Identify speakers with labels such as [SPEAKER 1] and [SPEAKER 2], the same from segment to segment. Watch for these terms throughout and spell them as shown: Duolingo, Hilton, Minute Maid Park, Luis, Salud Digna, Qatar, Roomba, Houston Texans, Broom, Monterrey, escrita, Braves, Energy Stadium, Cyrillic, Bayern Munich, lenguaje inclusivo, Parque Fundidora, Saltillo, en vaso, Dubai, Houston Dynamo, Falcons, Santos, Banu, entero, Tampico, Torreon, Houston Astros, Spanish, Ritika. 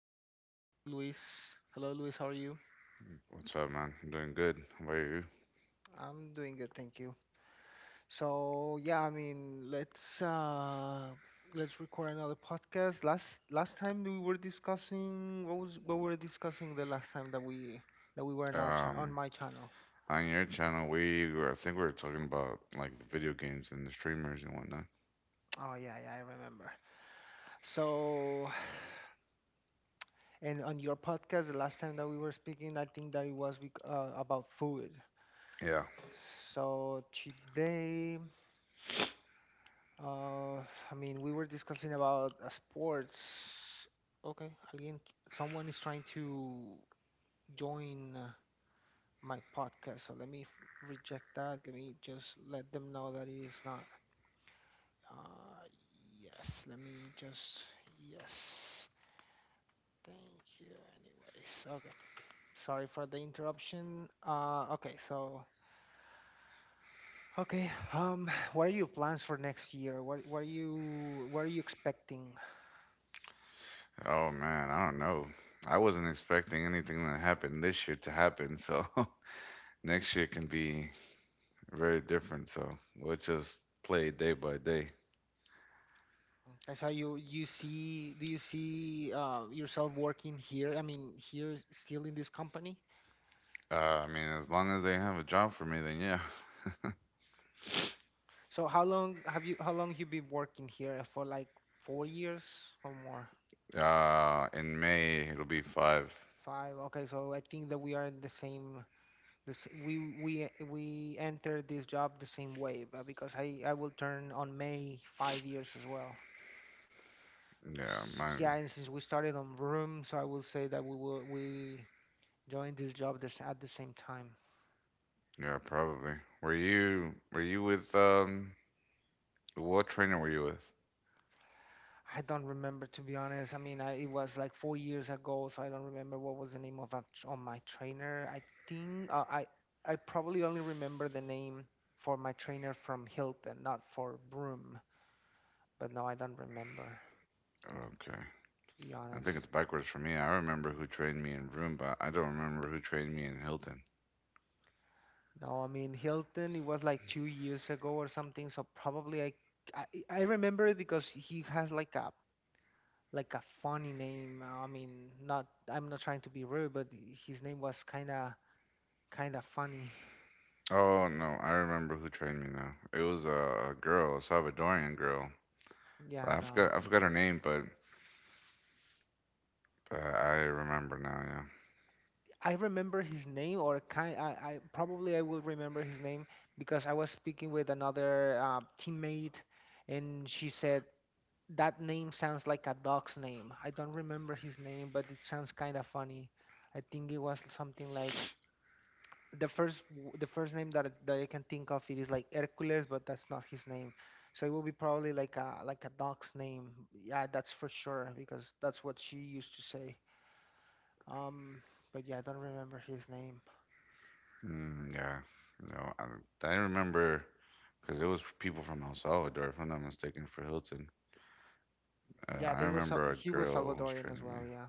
[SPEAKER 1] I'm here again with Luis. Hello, Luis. How are you?
[SPEAKER 2] What's up, man? I'm doing good. How about you?
[SPEAKER 1] I'm doing good, thank you. So yeah, I mean, let's record another podcast. Last time we were discussing what we were discussing the last time that we were on on
[SPEAKER 2] Um,
[SPEAKER 1] my channel.
[SPEAKER 2] on your channel, I think we were talking about like the video games and the streamers and whatnot.
[SPEAKER 1] Oh yeah, yeah, I remember. So. And on your podcast, the last time that we were speaking, I think that it was about food.
[SPEAKER 2] Yeah.
[SPEAKER 1] So today. Uh, I mean, we were discussing about sports. Okay, again, someone is trying to join my podcast, so reject that. Let me just let them know that it is not. Uh, yes, let me just, yes. Thank you, anyways. Okay, sorry for the interruption. Okay, so. Okay, what are your plans for next year? What are you expecting?
[SPEAKER 2] Oh man, I don't know. I wasn't expecting anything that happened this year to happen, so next year can be very different. So we'll just play day by day.
[SPEAKER 1] Okay, so do you see yourself working here? I mean, still in this company.
[SPEAKER 2] Uh, I mean, as long as they have a job for me, then yeah.
[SPEAKER 1] So how long you been working here? For like 4 years or more?
[SPEAKER 2] In May it'll be five.
[SPEAKER 1] Five. Okay, so I think that we are in the same we entered this job the same way, but because I will turn on May 5 years as well.
[SPEAKER 2] Yeah,
[SPEAKER 1] Yeah,
[SPEAKER 2] mine.
[SPEAKER 1] and since we started on Room, so I will say that we joined this job this at the same time.
[SPEAKER 2] Yeah, probably. Were you with What trainer were you with?
[SPEAKER 1] I don't remember, to be honest. I mean, I, it was like 4 years ago, so I don't remember what was the name of of my trainer. I think I probably only remember the name for my trainer from Hilton, not for Broom. But no, I don't remember,
[SPEAKER 2] Okay.
[SPEAKER 1] to be
[SPEAKER 2] I
[SPEAKER 1] honest.
[SPEAKER 2] think it's backwards for me. I remember who trained me in Roomba. I don't remember who trained me in Hilton.
[SPEAKER 1] No, I mean Hilton. It was like 2 years ago or something. So probably I I, I remember it because he has like a funny name. I mean, not, I'm not trying to be rude, but his name was kind of funny.
[SPEAKER 2] Oh no, I remember who trained me now. It was a girl, a Salvadorian girl.
[SPEAKER 1] Yeah,
[SPEAKER 2] I
[SPEAKER 1] no.
[SPEAKER 2] forgot I forgot her name, but I remember now.
[SPEAKER 1] I remember his name, or kind. I probably I will remember his name because I was speaking with another teammate, and she said that name sounds like a dog's name. I don't remember his name, but it sounds kind of funny. I think it was something like the first name that I can think of it is like Hercules, but that's not his name. So it will be probably like a dog's name. Yeah, that's for sure because that's what she used to say. Um, but yeah, I don't remember his name.
[SPEAKER 2] Yeah. Yeah. No, I remember because it was people from El Salvador, if I'm not mistaken, for Hilton.
[SPEAKER 1] Yeah,
[SPEAKER 2] I
[SPEAKER 1] they were
[SPEAKER 2] remember a
[SPEAKER 1] he was
[SPEAKER 2] girl was
[SPEAKER 1] Salvadorian as
[SPEAKER 2] training me.
[SPEAKER 1] well. Yeah,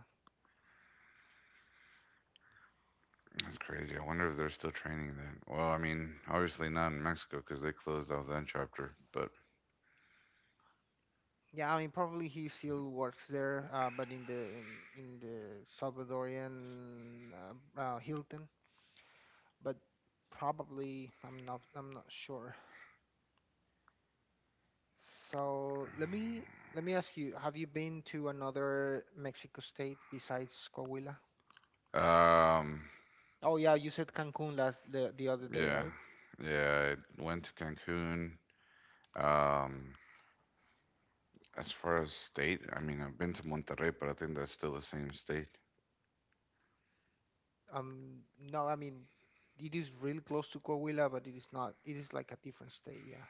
[SPEAKER 2] That's crazy. I wonder if they're still training that. Well, I mean, obviously not in Mexico because they closed off that chapter. But
[SPEAKER 1] yeah. I mean, probably he still works there, but in the Salvadorian Hilton. But probably, I'm not sure. So let me ask you: Have you been to another Mexico state besides Coahuila?
[SPEAKER 2] um,
[SPEAKER 1] Oh yeah, you said Cancun last the other day,
[SPEAKER 2] yeah,
[SPEAKER 1] right?
[SPEAKER 2] yeah. I went to Cancun. Um, as far as state, I mean, I've been to Monterrey, but I think that's still the same state.
[SPEAKER 1] Um, no, I mean, it is really close to Coahuila, but it is not. It is like a different state, yeah.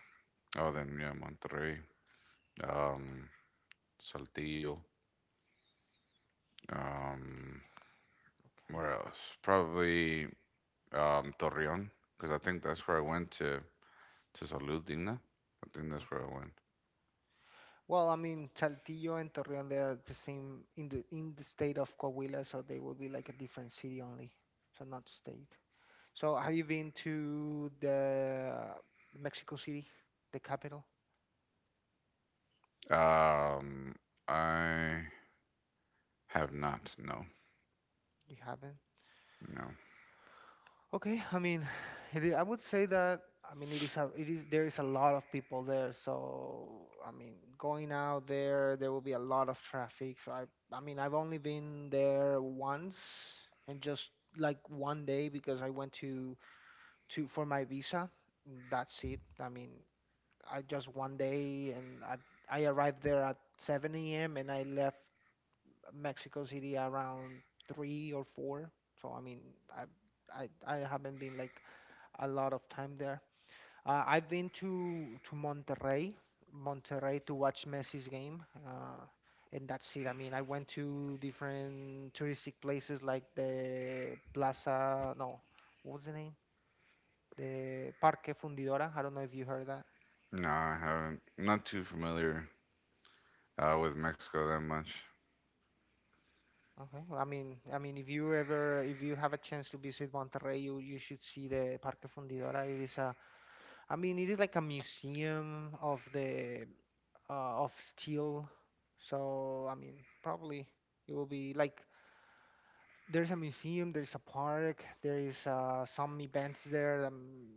[SPEAKER 2] Oh, then yeah, Monterrey. Um, Saltillo. Um,
[SPEAKER 1] Okay,
[SPEAKER 2] where else? Probably Torreon because I think that's where I went to Salud Digna. I think that's where
[SPEAKER 1] okay.
[SPEAKER 2] I went.
[SPEAKER 1] Well, I mean, Saltillo and Torreon, they are the same in the state of Coahuila, so they will be like a different city only, so not state. So, have you been to the Mexico City, the capital?
[SPEAKER 2] Um, I have not. No,
[SPEAKER 1] You haven't?
[SPEAKER 2] no,
[SPEAKER 1] Okay, I mean, it is, I would say that I mean it is there is a lot of people there, so I mean going out there, there will be a lot of traffic. So I mean I've only been there once and just like one day because I went to for my visa. That's it. I mean I just one day, and I arrived there at 7 a.m. and I left Mexico City around three or four. So I mean, I I haven't been like a lot of time there. I've been to Monterrey, Monterrey to watch Messi's game, and that's it. I mean, I went to different touristic places like the Plaza, no, what was the name? The Parque Fundidora. I don't know if you heard that.
[SPEAKER 2] no. I haven't. I'm not too familiar with Mexico that much.
[SPEAKER 1] Okay. Well, I mean, if you ever, if you have a chance to visit Monterrey, you should see the Parque Fundidora. It is a, I mean, it is like a museum of the of steel. So I mean, probably it will be like there's a museum, there's a park, there is some events there.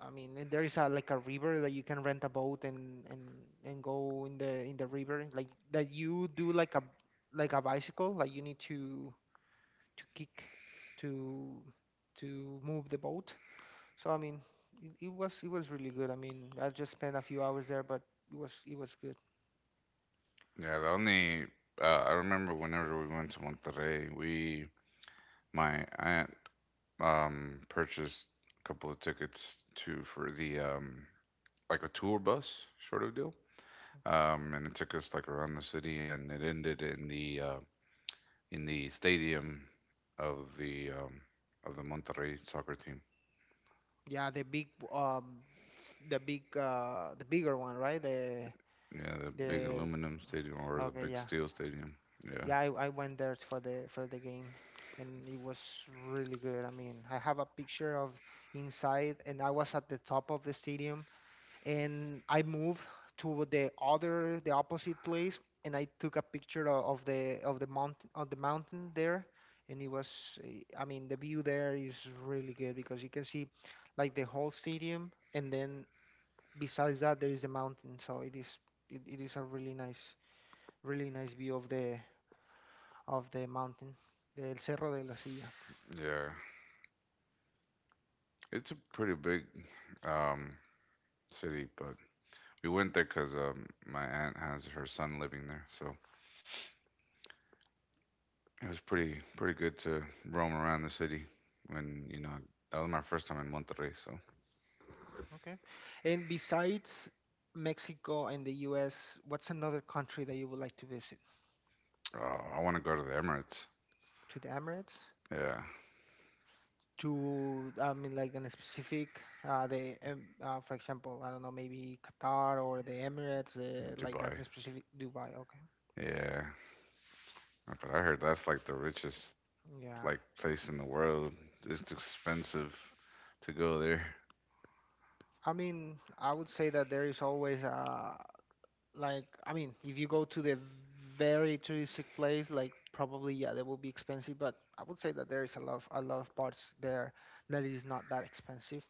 [SPEAKER 1] I mean, and there is a like a river that you can rent a boat and and go in the river like that you do like a bicycle like you need to kick to to move the boat. So I mean, it was it was really good. I mean, I just spent a few hours there, but it was good.
[SPEAKER 2] Yeah, the only I remember whenever we went to Monterrey, we my aunt purchased a couple of tickets to for the like a tour bus sort of deal. And it took us like around the city, and it ended in the stadium of the um, of the Monterrey soccer team.
[SPEAKER 1] Yeah, the big the big the bigger one, right?
[SPEAKER 2] Yeah, the big
[SPEAKER 1] The
[SPEAKER 2] aluminum stadium or the
[SPEAKER 1] okay,
[SPEAKER 2] big
[SPEAKER 1] yeah.
[SPEAKER 2] steel stadium. Yeah,
[SPEAKER 1] Yeah, I went there for the game, and it was really good. I mean, I have a picture of inside, and I was at the top of the stadium, and I moved to the opposite place, and I took a picture of the of the mountain there, and it was I mean the view there is really good because you can see like the whole stadium, and then besides that there is the mountain, so it is, it is a really nice, really nice view of the mountain del Cerro de la Silla.
[SPEAKER 2] yeah. It's a pretty big um, city, but we went there because my aunt has her son living there, so it was pretty good to roam around the city. When you know that was my first time in Monterrey, so
[SPEAKER 1] Okay, and besides Mexico and the US, what's another country that you would like to visit
[SPEAKER 2] I want to go to the Emirates.
[SPEAKER 1] to the Emirates,
[SPEAKER 2] Yeah,
[SPEAKER 1] to, I mean, like in a specific the for example, I don't know, maybe Qatar or the Emirates, like as
[SPEAKER 2] Dubai.
[SPEAKER 1] in specific Dubai. Okay,
[SPEAKER 2] Yeah, but I heard that's like the richest
[SPEAKER 1] yeah,
[SPEAKER 2] like place in the world. It's expensive to go there.
[SPEAKER 1] I mean, I would say that there is always like, I mean, if you go to the very touristic place, like probably yeah, they will be expensive, but I would say that there is a lot of, a lot of parts there that is not that expensive,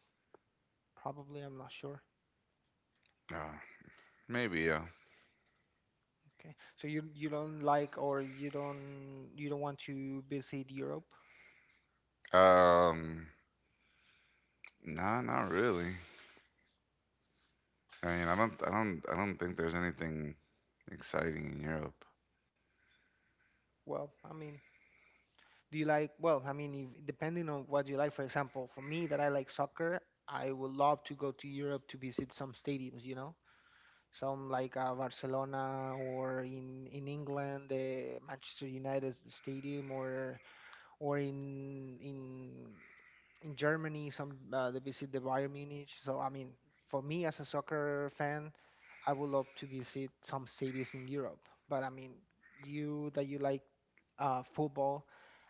[SPEAKER 1] probably, I'm not sure.
[SPEAKER 2] Uh, maybe yeah.
[SPEAKER 1] Okay. So you don't like, or you don't want to visit Europe?
[SPEAKER 2] Um, nah, not really. I mean, I don't think there's anything exciting in Europe.
[SPEAKER 1] Well, I mean, do you like, well, I mean, if depending on what you like, for example, for me that I like soccer, I would love to go to Europe to visit some stadiums, you know? Some like Barcelona or in England, the Manchester United stadium, or in Germany, some they visit the Bayern Munich. So I mean, for me as a soccer fan, I would love to visit some cities in Europe. But I mean, you that you like football,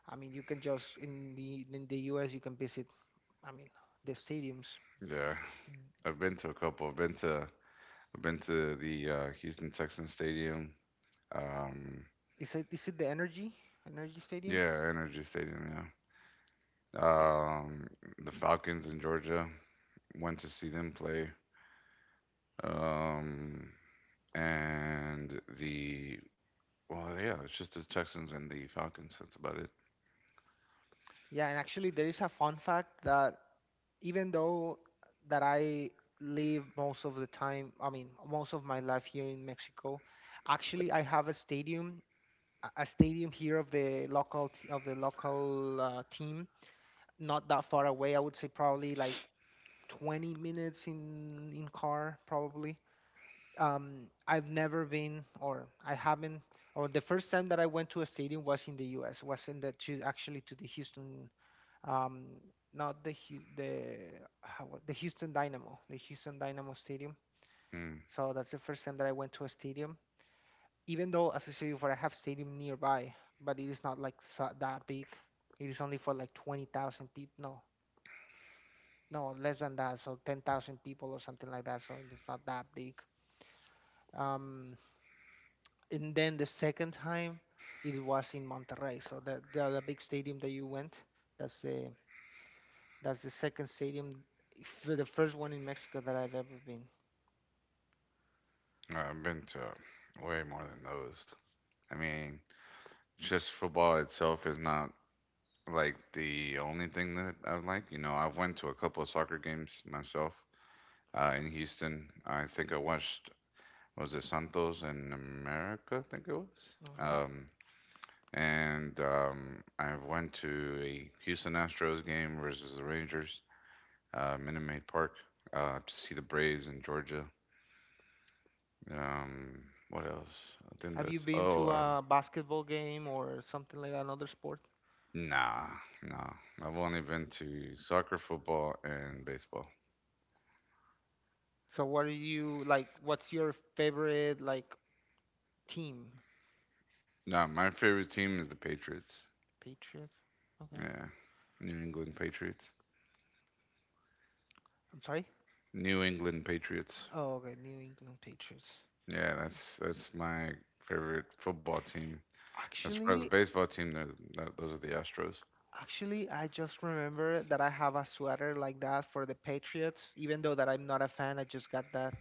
[SPEAKER 1] I mean, you can just in the US you can visit. I mean, the stadiums.
[SPEAKER 2] Yeah, I've been to a couple. I've been to the Houston Texans Stadium. Um,
[SPEAKER 1] Is it, the Energy Stadium?
[SPEAKER 2] yeah, Energy Stadium. Yeah. Um, the Falcons in Georgia. Went to see them play. Um, and the well, yeah, it's just the Texans and the Falcons. That's about it.
[SPEAKER 1] Yeah, and actually there is a fun fact that even though that I live most of the time, I mean, most of my life here in Mexico, actually I have a stadium, a stadium here of the of the local team, not that far away. I would say probably like 20 minutes in car probably. I've never been, or I haven't or the first time that I went to a stadium was in the US, was in the to actually to the Houston um, not the the Houston Dynamo Stadium.
[SPEAKER 2] Mm.
[SPEAKER 1] So that's the first time that I went to a stadium. Even though, as I said before, I have stadium nearby, but it is not like so, that big. It is only for like 20,000 people. No, no, less than that. So 10,000 people or something like that. So it's not that big. Um, and then the second time, it was in Monterrey. So the big stadium that you went, that's the that's the second stadium, the first one in Mexico that I've ever been.
[SPEAKER 2] I've been to way more than those. I mean, just football itself is not like the only thing that I like. You know, I went to a couple of soccer games myself in Houston. I think I watched was it Santos in America? I think it was.
[SPEAKER 1] Okay.
[SPEAKER 2] And I went to a Houston Astros game versus the Rangers, Minute Maid Park, to see the Braves in Georgia. Um, what else? I think
[SPEAKER 1] Have you
[SPEAKER 2] that's
[SPEAKER 1] been
[SPEAKER 2] oh,
[SPEAKER 1] to a basketball game or something like another sport?
[SPEAKER 2] Nah, nah. I've only been to soccer, football, and baseball.
[SPEAKER 1] So what are you like? What's your favorite like team?
[SPEAKER 2] Nah, my favorite team is the Patriots.
[SPEAKER 1] Patriots. Okay.
[SPEAKER 2] Yeah, New England Patriots.
[SPEAKER 1] I'm sorry.
[SPEAKER 2] New England Patriots.
[SPEAKER 1] Oh, okay. New England Patriots.
[SPEAKER 2] Yeah,
[SPEAKER 1] Okay.
[SPEAKER 2] that's my favorite football team. As far as the
[SPEAKER 1] Actually,
[SPEAKER 2] baseball team, those are the Astros.
[SPEAKER 1] actually, I just remember that I have a sweater like that for the Patriots. Even though that I'm not a fan, I just got that.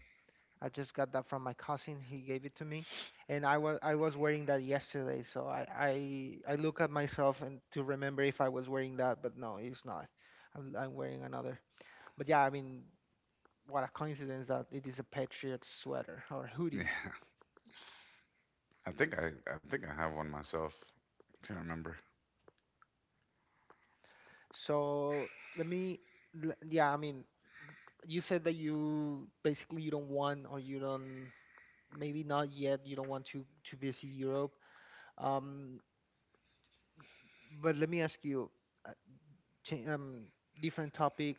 [SPEAKER 1] I just got that from my cousin. He gave it to me, and I was wearing that yesterday. So I, I look at myself and to remember if I was wearing that, but no, it's not. I'm wearing another. But yeah, I mean, what a coincidence that it is a Patriots sweater or
[SPEAKER 2] Yeah,
[SPEAKER 1] hoodie.
[SPEAKER 2] I think I I think I have one myself. Can't remember.
[SPEAKER 1] So let me, l- yeah, I mean, you said that you basically you don't want, or you don't, maybe not yet, you don't want to visit Europe. Um, but let me ask you, uh, cha- um, different topic.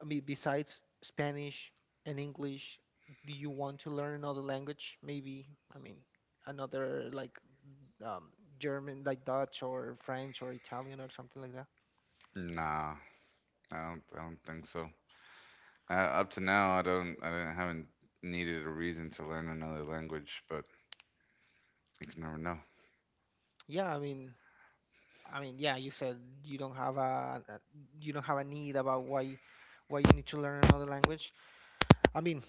[SPEAKER 1] I mean, besides Spanish and English, do you want to learn another language? Maybe, I mean, another like um, German, like Dutch or French or Italian or something like that.
[SPEAKER 2] Nah, I don't think so. Up to now, I don't I didn't, haven't needed a reason to learn another language, but you can never know.
[SPEAKER 1] Yeah, I mean, yeah, you said you don't have a, you don't have a need about why you need to learn another language. I mean,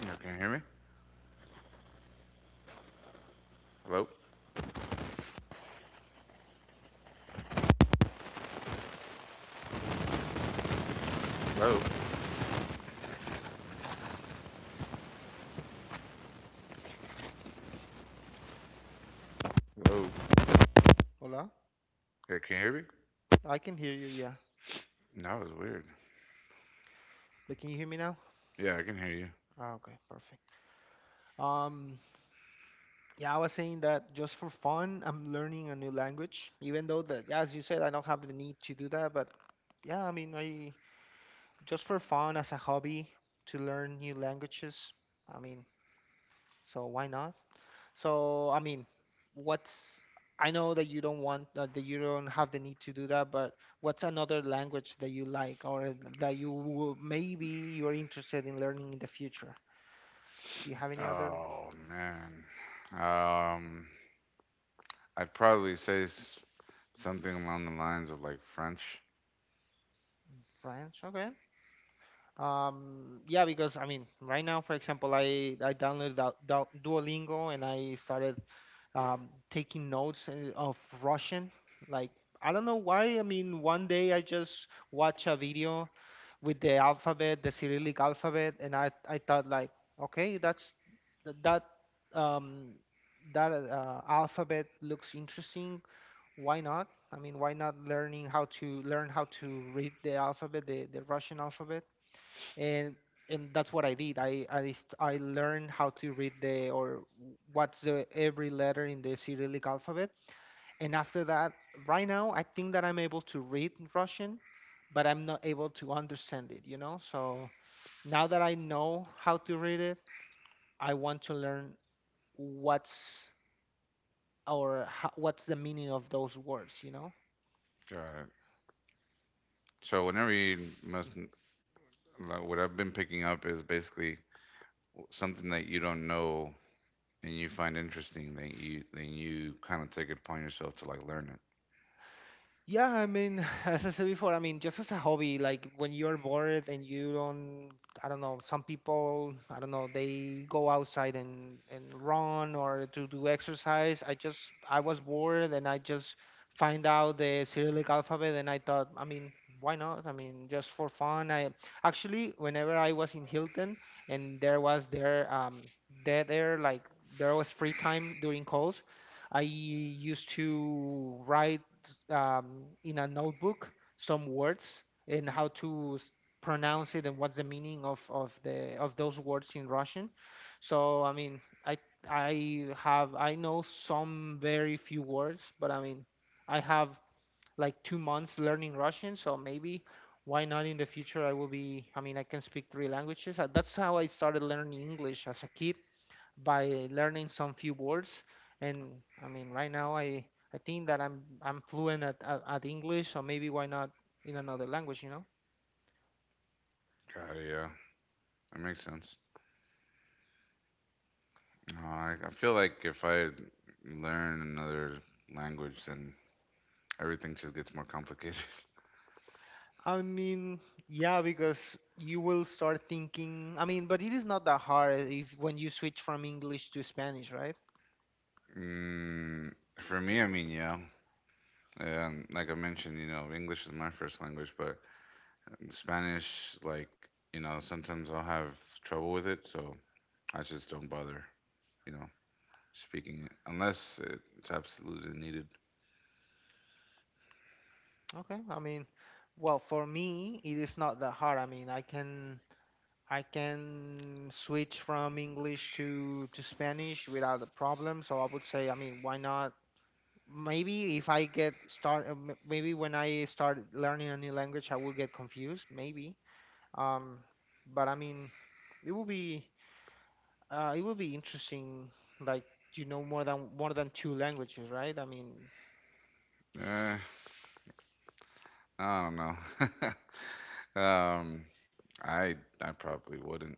[SPEAKER 2] Yeah, can you hear me? Hello? Hello? Hello?
[SPEAKER 1] hola,
[SPEAKER 2] Yeah, can you hear me?
[SPEAKER 1] I can hear you, yeah,
[SPEAKER 2] No, that was weird.
[SPEAKER 1] but can you hear me now?
[SPEAKER 2] Yeah, I can hear you.
[SPEAKER 1] Ah, okay, perfect. Um, Yeah, I was saying that just for fun, I'm learning a new language, even though that, yeah, as you said, I don't have the need to do that, but yeah, I mean, I just for fun, as a hobby to learn new languages. I mean, so why not? So, I mean, what's I know that you don't want, that you don't have the need to do that, but what's another language that you like or that you will, maybe you're interested in learning in the future? Do you have any other?
[SPEAKER 2] Oh man. Um, I'd probably say something along the lines of like French.
[SPEAKER 1] French? Okay. Yeah, because I mean, right now, for example, I downloaded Duolingo and I started taking notes of Russian. Like I don't know why. I mean, one day I just watched a video with the alphabet, the Cyrillic alphabet, and I thought like, okay, that's th- that um, that alphabet looks interesting. Why not? I mean, why not learning how to, learn how to read the alphabet, the Russian alphabet? and and that's what I did. I learned how to read the, or what's the every letter in the Cyrillic alphabet. And after that, right now, I think that I'm able to read Russian, but I'm not able to understand it, you know? So now that I know how to read it, I want to learn what's what's the meaning of those words, you know?
[SPEAKER 2] Got it. So whenever you must, like, what I've been picking up is basically something that you don't know and you find interesting, then you kind of take it upon yourself to like learn it.
[SPEAKER 1] Yeah, I mean, as I said before, I mean, just as a hobby, like when you're bored and you don't, I don't know, some people, I don't know, they go outside and run or to do exercise. I just, I was bored and I just find out the Cyrillic alphabet and I thought, I mean, why not? I mean, just for fun. I Actually, whenever I was in Hilton and there was there dead air, like there was free time during calls. I used to write in a notebook some words and how to pronounce it and what's the meaning of those words in Russian. So I mean, I I have, I know some very few words, but I mean, I have like 2 months learning Russian, so maybe why not in the future I will be, I mean I can speak three languages. That's how I started learning English as a kid by learning some few words. And I mean, right now I think that I'm fluent at, at English, or maybe why not in another language, you know?
[SPEAKER 2] Got it. Yeah, that makes sense. Oh, I feel like if I learn another language, then everything just gets more complicated.
[SPEAKER 1] I mean, yeah, because you will start thinking. I mean, but it is not that hard if, when you switch from English to Spanish, right?
[SPEAKER 2] Mm, for me, I mean, yeah. Like I mentioned, you know, English is my first language, but Spanish, like, you know, sometimes I'll have trouble with it, so I just don't bother, you know, speaking it unless it's absolutely needed.
[SPEAKER 1] Okay. I mean, well, for me, it is not that hard. I mean, I can switch from English to Spanish without a problem. So I would say, I mean, why not? Maybe if I get start, maybe when I start learning a new language, I will get confused, maybe. Um, but I mean, it will be it will be interesting, like, you know, more than two languages, right? I mean,
[SPEAKER 2] Eh, I don't know. um, I I probably wouldn't.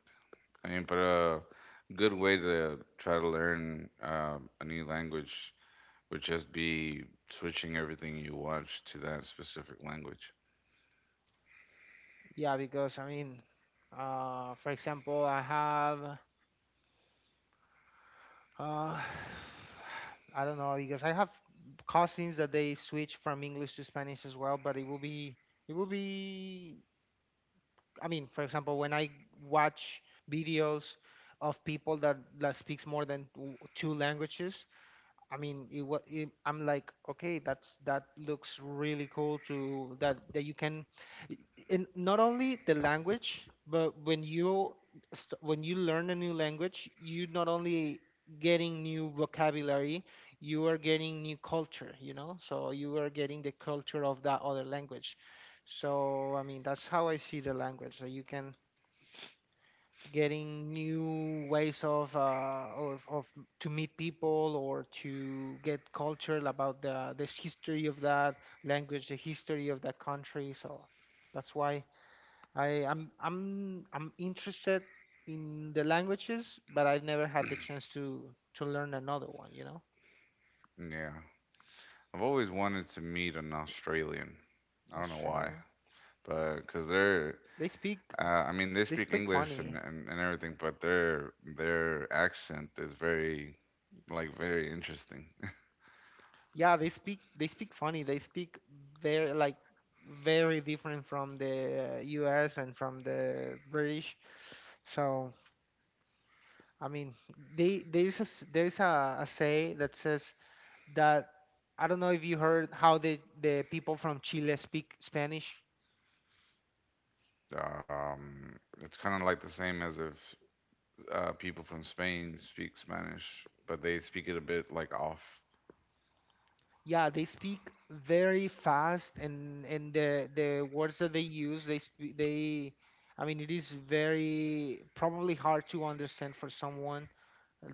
[SPEAKER 2] I mean, but a good way to try to learn a new language would just be switching everything you watch to that specific language.
[SPEAKER 1] yeah, because I mean, for example, I have I don't know, because I have cousins that they switch from English to Spanish as well, but it will be I mean, for example, when I watch videos of people that, speaks more than two languages, I mean, it was. It, I'm like, okay, that's, that looks really cool, to that that you can, i- and not only the language, but when you when you learn a new language, you not only getting new vocabulary, you are getting new culture. You know, so you are getting the culture of that other language. So I mean, that's how I see the language. So you can getting new ways of, or of, to meet people or to get cultural about the history of that language, the history of that country. So that's why I I'm interested in the languages, but I've never had the chance to learn another one. You know,
[SPEAKER 2] Yeah. I've always wanted to meet an Australian. I don't know why,
[SPEAKER 1] Australian.
[SPEAKER 2] but because
[SPEAKER 1] They speak
[SPEAKER 2] I mean, they
[SPEAKER 1] they
[SPEAKER 2] speak
[SPEAKER 1] speak
[SPEAKER 2] English and,
[SPEAKER 1] funny.
[SPEAKER 2] and everything, but their accent is very, like, very interesting.
[SPEAKER 1] Yeah, they speak funny. They speak very like, very different from the US and from the British. So I mean, they there's a a say that says that, I don't know if you heard how the people from Chile speak Spanish.
[SPEAKER 2] It's kind of like the same as if people from Spain speak Spanish, but they speak it a bit like off.
[SPEAKER 1] Yeah, they speak very fast, and the words that they use, they speak they I mean, it is very probably hard to understand for someone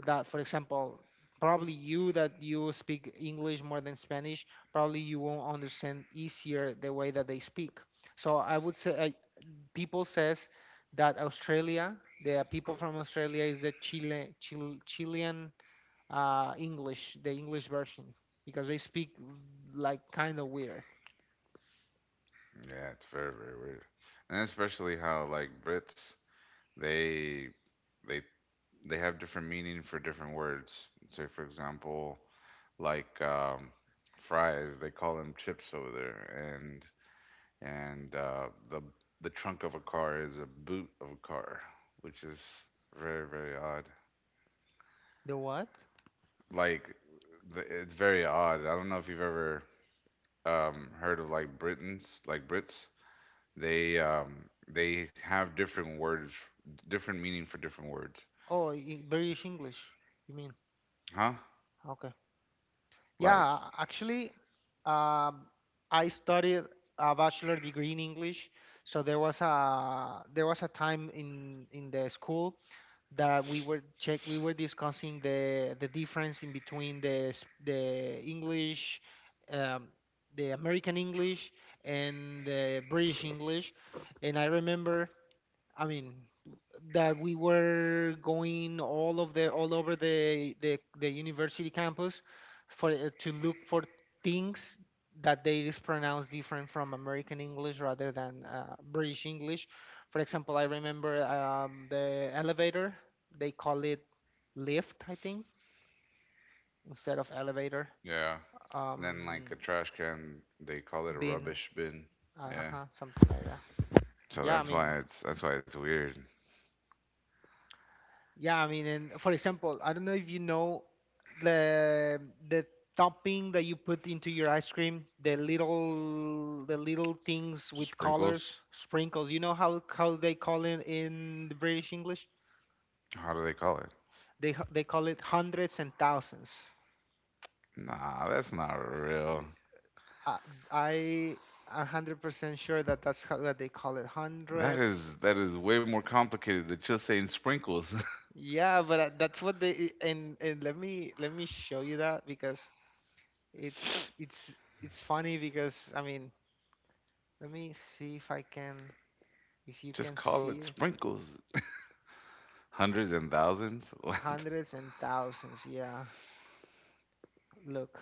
[SPEAKER 1] that, for example, probably you, that you speak English more than Spanish, probably you won't understand easier the way that they speak. So I would say, people says that Australia, the people from Australia is the Chilean, English, the English version, because they speak like kind of weird.
[SPEAKER 2] Yeah, it's very weird, and especially how like Brits they they they have different meaning for different words. So for example, like um, fries, they call them chips over there, and the trunk of a car is a boot of a car, which is very odd.
[SPEAKER 1] The what?
[SPEAKER 2] Like it's very odd. I don't know if you've ever heard of like Britons, like Brits. They they have different words, different meaning for different words,
[SPEAKER 1] British English, you mean?
[SPEAKER 2] huh?
[SPEAKER 1] Okay.
[SPEAKER 2] Like
[SPEAKER 1] Yeah, actually, um, I studied a bachelor degree in English, so there was a, there was a time in the school that we were check we were discussing the difference in between the English, um, the American English and the British English, and I remember, I mean, that we were going all of the, all over the university campus for, to look for things that they is pronounced different from American English rather than, British English. For example, I remember, the elevator. They call it lift, I think, instead of elevator.
[SPEAKER 2] yeah. And then
[SPEAKER 1] Um,
[SPEAKER 2] like a trash can, they call it a
[SPEAKER 1] bin,
[SPEAKER 2] rubbish bin. Yeah.
[SPEAKER 1] uh-huh, something like that.
[SPEAKER 2] So
[SPEAKER 1] Yeah, I mean,
[SPEAKER 2] that's why it's weird.
[SPEAKER 1] Yeah, I mean, and for example, I don't know if you know the the topping that you put into your ice cream, the little things with
[SPEAKER 2] Sprinkles?
[SPEAKER 1] colors, sprinkles. You know how they call it in the British English?
[SPEAKER 2] How do they call it?
[SPEAKER 1] They call it hundreds and thousands.
[SPEAKER 2] Nah, that's not real.
[SPEAKER 1] I I 100% sure that that's how what they call it,
[SPEAKER 2] That
[SPEAKER 1] hundreds.
[SPEAKER 2] is that is way more complicated than just saying sprinkles.
[SPEAKER 1] Yeah, but that's what they and let me, let me show you that, because it's it's it's funny because, I mean, let me see if I can, if you
[SPEAKER 2] Just
[SPEAKER 1] can
[SPEAKER 2] call it
[SPEAKER 1] see it.
[SPEAKER 2] sprinkles. Hundreds and thousands? What?
[SPEAKER 1] Hundreds and thousands. Yeah. Look.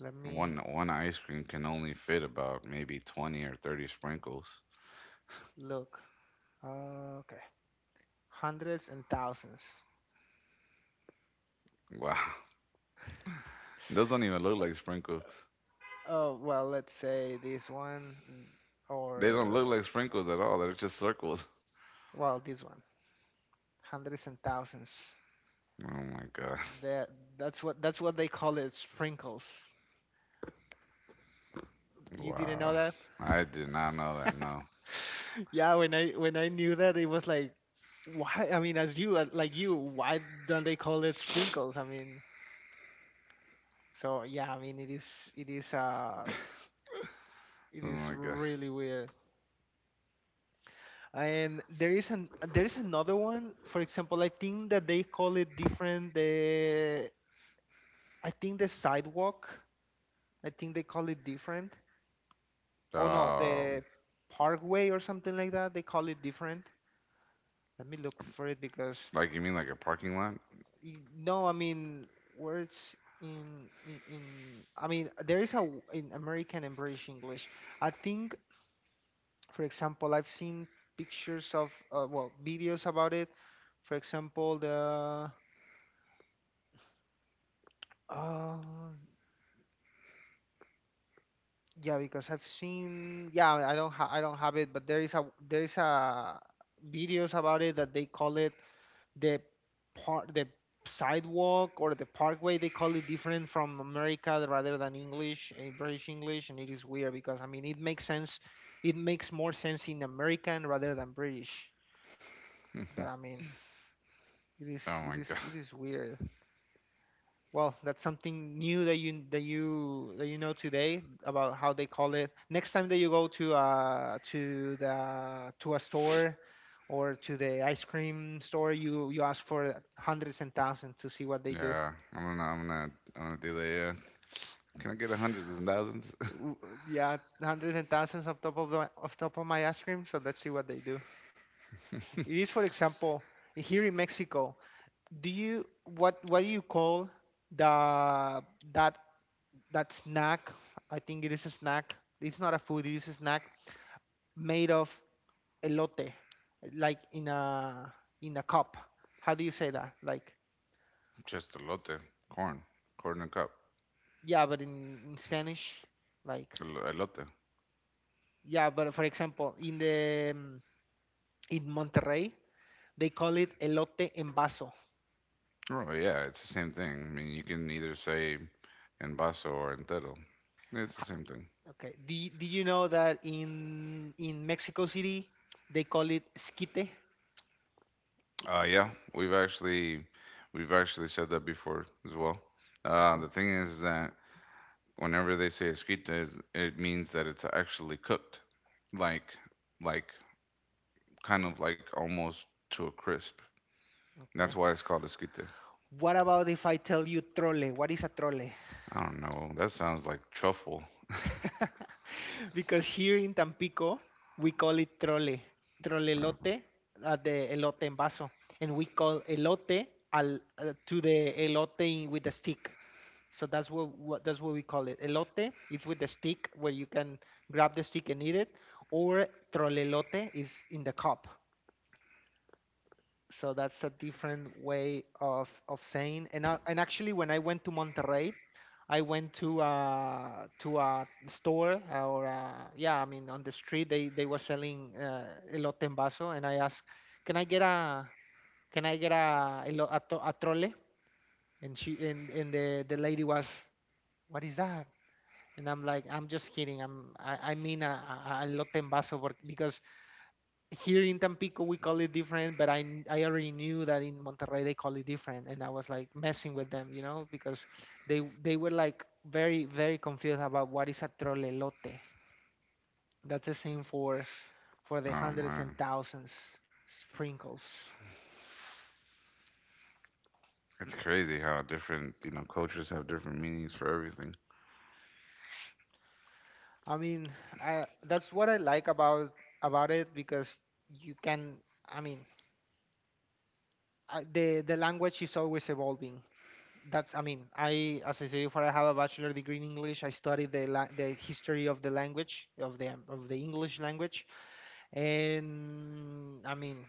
[SPEAKER 1] Let
[SPEAKER 2] One
[SPEAKER 1] me
[SPEAKER 2] one ice cream can only fit about maybe 20 or 30 sprinkles.
[SPEAKER 1] look. Okay. Hundreds and thousands.
[SPEAKER 2] Wow. Those don't even look like sprinkles.
[SPEAKER 1] Oh, well, let's say this one,
[SPEAKER 2] They don't look
[SPEAKER 1] or
[SPEAKER 2] like sprinkles at all. They're just circles.
[SPEAKER 1] well, this one. Hundreds and thousands.
[SPEAKER 2] Oh my god.
[SPEAKER 1] That, that's what, that's what they call it, sprinkles. You didn't know
[SPEAKER 2] Wow.
[SPEAKER 1] that?
[SPEAKER 2] I did not know that, no.
[SPEAKER 1] Yeah, when I, when I knew that, it was like, why, I mean, as you, like you, why don't they call it sprinkles, I mean. So yeah, I mean it is, it is it
[SPEAKER 2] Oh
[SPEAKER 1] is
[SPEAKER 2] my
[SPEAKER 1] really weird. And there is an, there is another one. For example, I think that they call it different. The I think the sidewalk. I think they call it different. Oh no,
[SPEAKER 2] god.
[SPEAKER 1] the parkway or something like that. They call it different. Let me look for it because,
[SPEAKER 2] Like you mean like a parking lot?
[SPEAKER 1] no, I mean, words in, I mean, there is a in American and British English. I think, for example, I've seen pictures of, well, videos about it. For example, the uh, yeah, because I've seen, yeah, I don't I don't have it, but there is a, there is a videos about it that they call it the part the sidewalk or the parkway. They call it different from America rather than English, eh, British English, and it is weird because, I mean, it makes sense. It makes more sense in American rather than British.
[SPEAKER 2] Oh
[SPEAKER 1] But I mean, it is,
[SPEAKER 2] my god.
[SPEAKER 1] it is weird. Well, that's something new that you, that you know today, about how they call it. Next time that you go to, to the to a store, or to the ice cream store, you ask for hundreds and thousands to see what they do.
[SPEAKER 2] Yeah. I'm gonna do that, yeah. Can I get a hundreds and thousands?
[SPEAKER 1] W- yeah, hundreds and thousands of top of the, of top of my ice cream. So let's see what they do. It is, for example, here in Mexico. Do you call the that that snack. I think it is a snack. It's not a food. It is a snack made of elote, like in a cup. How do you say that? Like
[SPEAKER 2] Just elote. Corn. Corn in a cup.
[SPEAKER 1] yeah, but in Spanish, like
[SPEAKER 2] Elote.
[SPEAKER 1] yeah, but for example, in Monterrey, they call it elote en vaso.
[SPEAKER 2] Oh yeah, it's the same thing. I mean, you can either say en vaso or entero. It's the
[SPEAKER 1] Ha-
[SPEAKER 2] same thing.
[SPEAKER 1] Okay. Do you know that in Mexico City they call it esquite?
[SPEAKER 2] Yeah, we've actually we've actually said that before as well.
[SPEAKER 1] Okay.
[SPEAKER 2] The thing is that whenever they say escrita, it means that it's actually cooked, like like kind of like almost to a crisp. That's
[SPEAKER 1] Okay.
[SPEAKER 2] why it's called escrita.
[SPEAKER 1] What about if I tell you trole? What is a trole?
[SPEAKER 2] I don't know. That sounds like truffle.
[SPEAKER 1] Because here in Tampico we call it trole,
[SPEAKER 2] Oh,
[SPEAKER 1] trolelote, the elote en vaso, and we call elote to the elote with the stick. So that's what we call it. Elote, it's with the stick where you can grab the stick and eat it, or trolelote is in the cup, so that's a different way of saying. And actually, when I went to Monterrey, I went to a store or yeah, I mean, on the street, they were selling elote en vaso, and I asked, can I get a can I get a a trole?" And she and the lady was, "What is that?" And I'm like, "I'm just kidding. I mean a elote en vaso because here in Tampico we call it different, but I already knew that in Monterrey they call it different, and I was like messing with them, you know, because they were like very very confused about what is a trolelote." That's the same for the
[SPEAKER 2] oh
[SPEAKER 1] hundreds and
[SPEAKER 2] man,
[SPEAKER 1] thousands sprinkles.
[SPEAKER 2] it's crazy how different you know cultures have different meanings for everything.
[SPEAKER 1] I mean, that's what I like about it because you can. I mean, the language is always evolving. I mean, as I said before, I have a bachelor degree in English. I studied the history of the language of the English language, and I mean,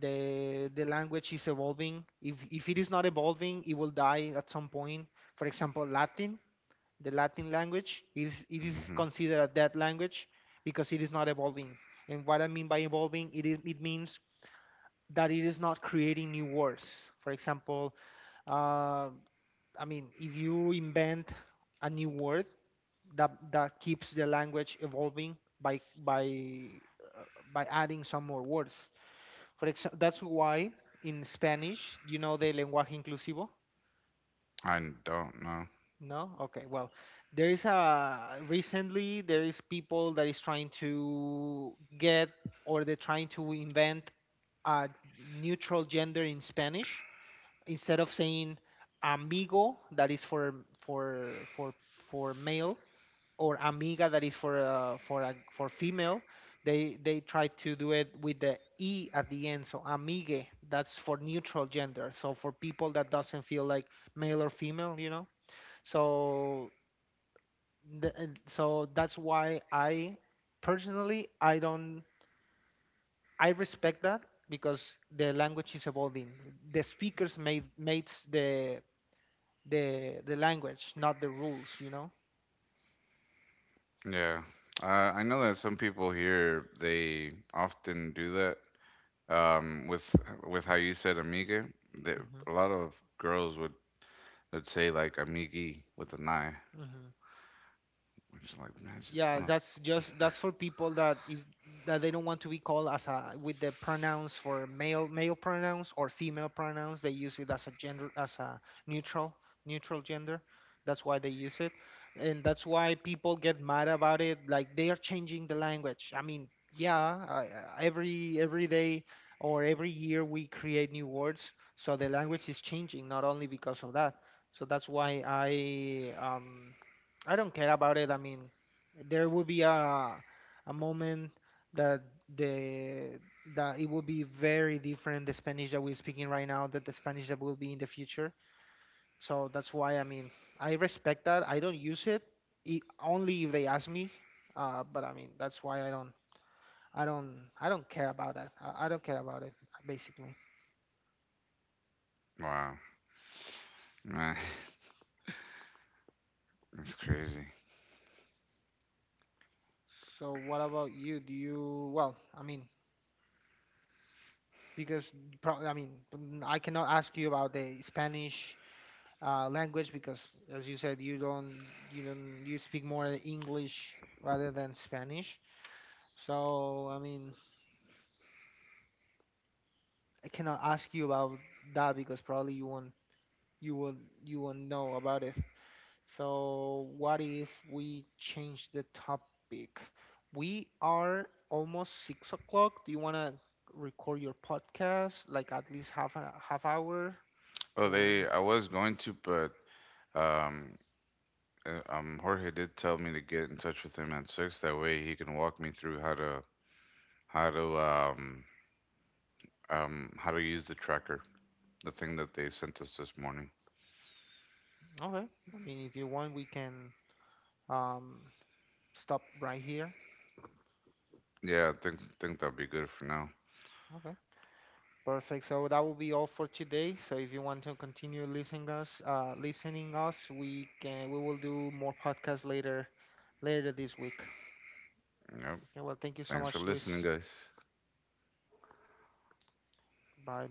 [SPEAKER 1] the language is evolving. If it is not evolving, it will die at some point. For example, Latin, the Latin language is
[SPEAKER 2] Mhm.
[SPEAKER 1] considered a dead language because it is not evolving. And what I mean by evolving, it means that it is not creating new words. For example, uh, I mean, if you invent a new word that keeps the language evolving by uh, by adding some more words. For example, that's why in Spanish, you know the lenguaje inclusivo?
[SPEAKER 2] I don't know.
[SPEAKER 1] No? Okay, well, there is a recently there is people that is trying to get, or they're trying to invent a neutral gender in Spanish instead of saying amigo, that is for male, or Amiga, that is for female. They try to do it with the e at the end, so amigue. That's for neutral gender, so for people that doesn't feel like male or female. So the, and so that's why I personally, I don't, I respect that because the language is evolving. The speakers made the language, not the rules.
[SPEAKER 2] Yeah. I know that some people here they often do that. With how you said amiga, that
[SPEAKER 1] Hmm.
[SPEAKER 2] a lot of girls would say like amigi with an I.
[SPEAKER 1] Hmm.
[SPEAKER 2] I'm just like, man, I just
[SPEAKER 1] Yeah,
[SPEAKER 2] want
[SPEAKER 1] that's for people that they don't want to be called as a with the pronouns for male pronouns or female pronouns. They use it as a gender, as a neutral neutral gender. That's why they use it, and that's why people get mad about it, like they are changing the language, I mean, yeah, I, every day or every year we create new words, so the language is changing not only because of that. So that's why I don't care about it. I mean, there will be a moment that the that it will be very different, the Spanish that we're speaking right now, that the Spanish that will be in the future. So that's why, I mean, I respect that. I don't use it, I only if they ask me. But I mean, that's why I don't care about that. I don't care about it basically.
[SPEAKER 2] Wow, man, that's crazy.
[SPEAKER 1] So what about you? Do you well? I mean, because probably, I mean, I cannot ask you about the Spanish language because, as you said, you don't you don't you speak more English rather than Spanish. So I mean, I cannot ask you about that because probably you won't know about it. So what if we change the topic? We are almost 6 o'clock. Do you wanna record your podcast like at least half hour
[SPEAKER 2] Oh, they.
[SPEAKER 1] or
[SPEAKER 2] I was going to, but um, Jorge did tell me to get in touch with him at six. That way, he can walk me through how to um how to use the tracker. The thing that they sent us this morning.
[SPEAKER 1] okay? I mean, if you want, we can um stop right here.
[SPEAKER 2] Yeah, I think that'll be good for now.
[SPEAKER 1] Okay, perfect. So that will be all for today. So if you want to continue listening us, we can we will do more podcasts later this week.
[SPEAKER 2] Yep.
[SPEAKER 1] Okay, well, thank you so
[SPEAKER 2] Thanks for
[SPEAKER 1] much,
[SPEAKER 2] listening,
[SPEAKER 1] Luis.
[SPEAKER 2] guys.
[SPEAKER 1] Bye.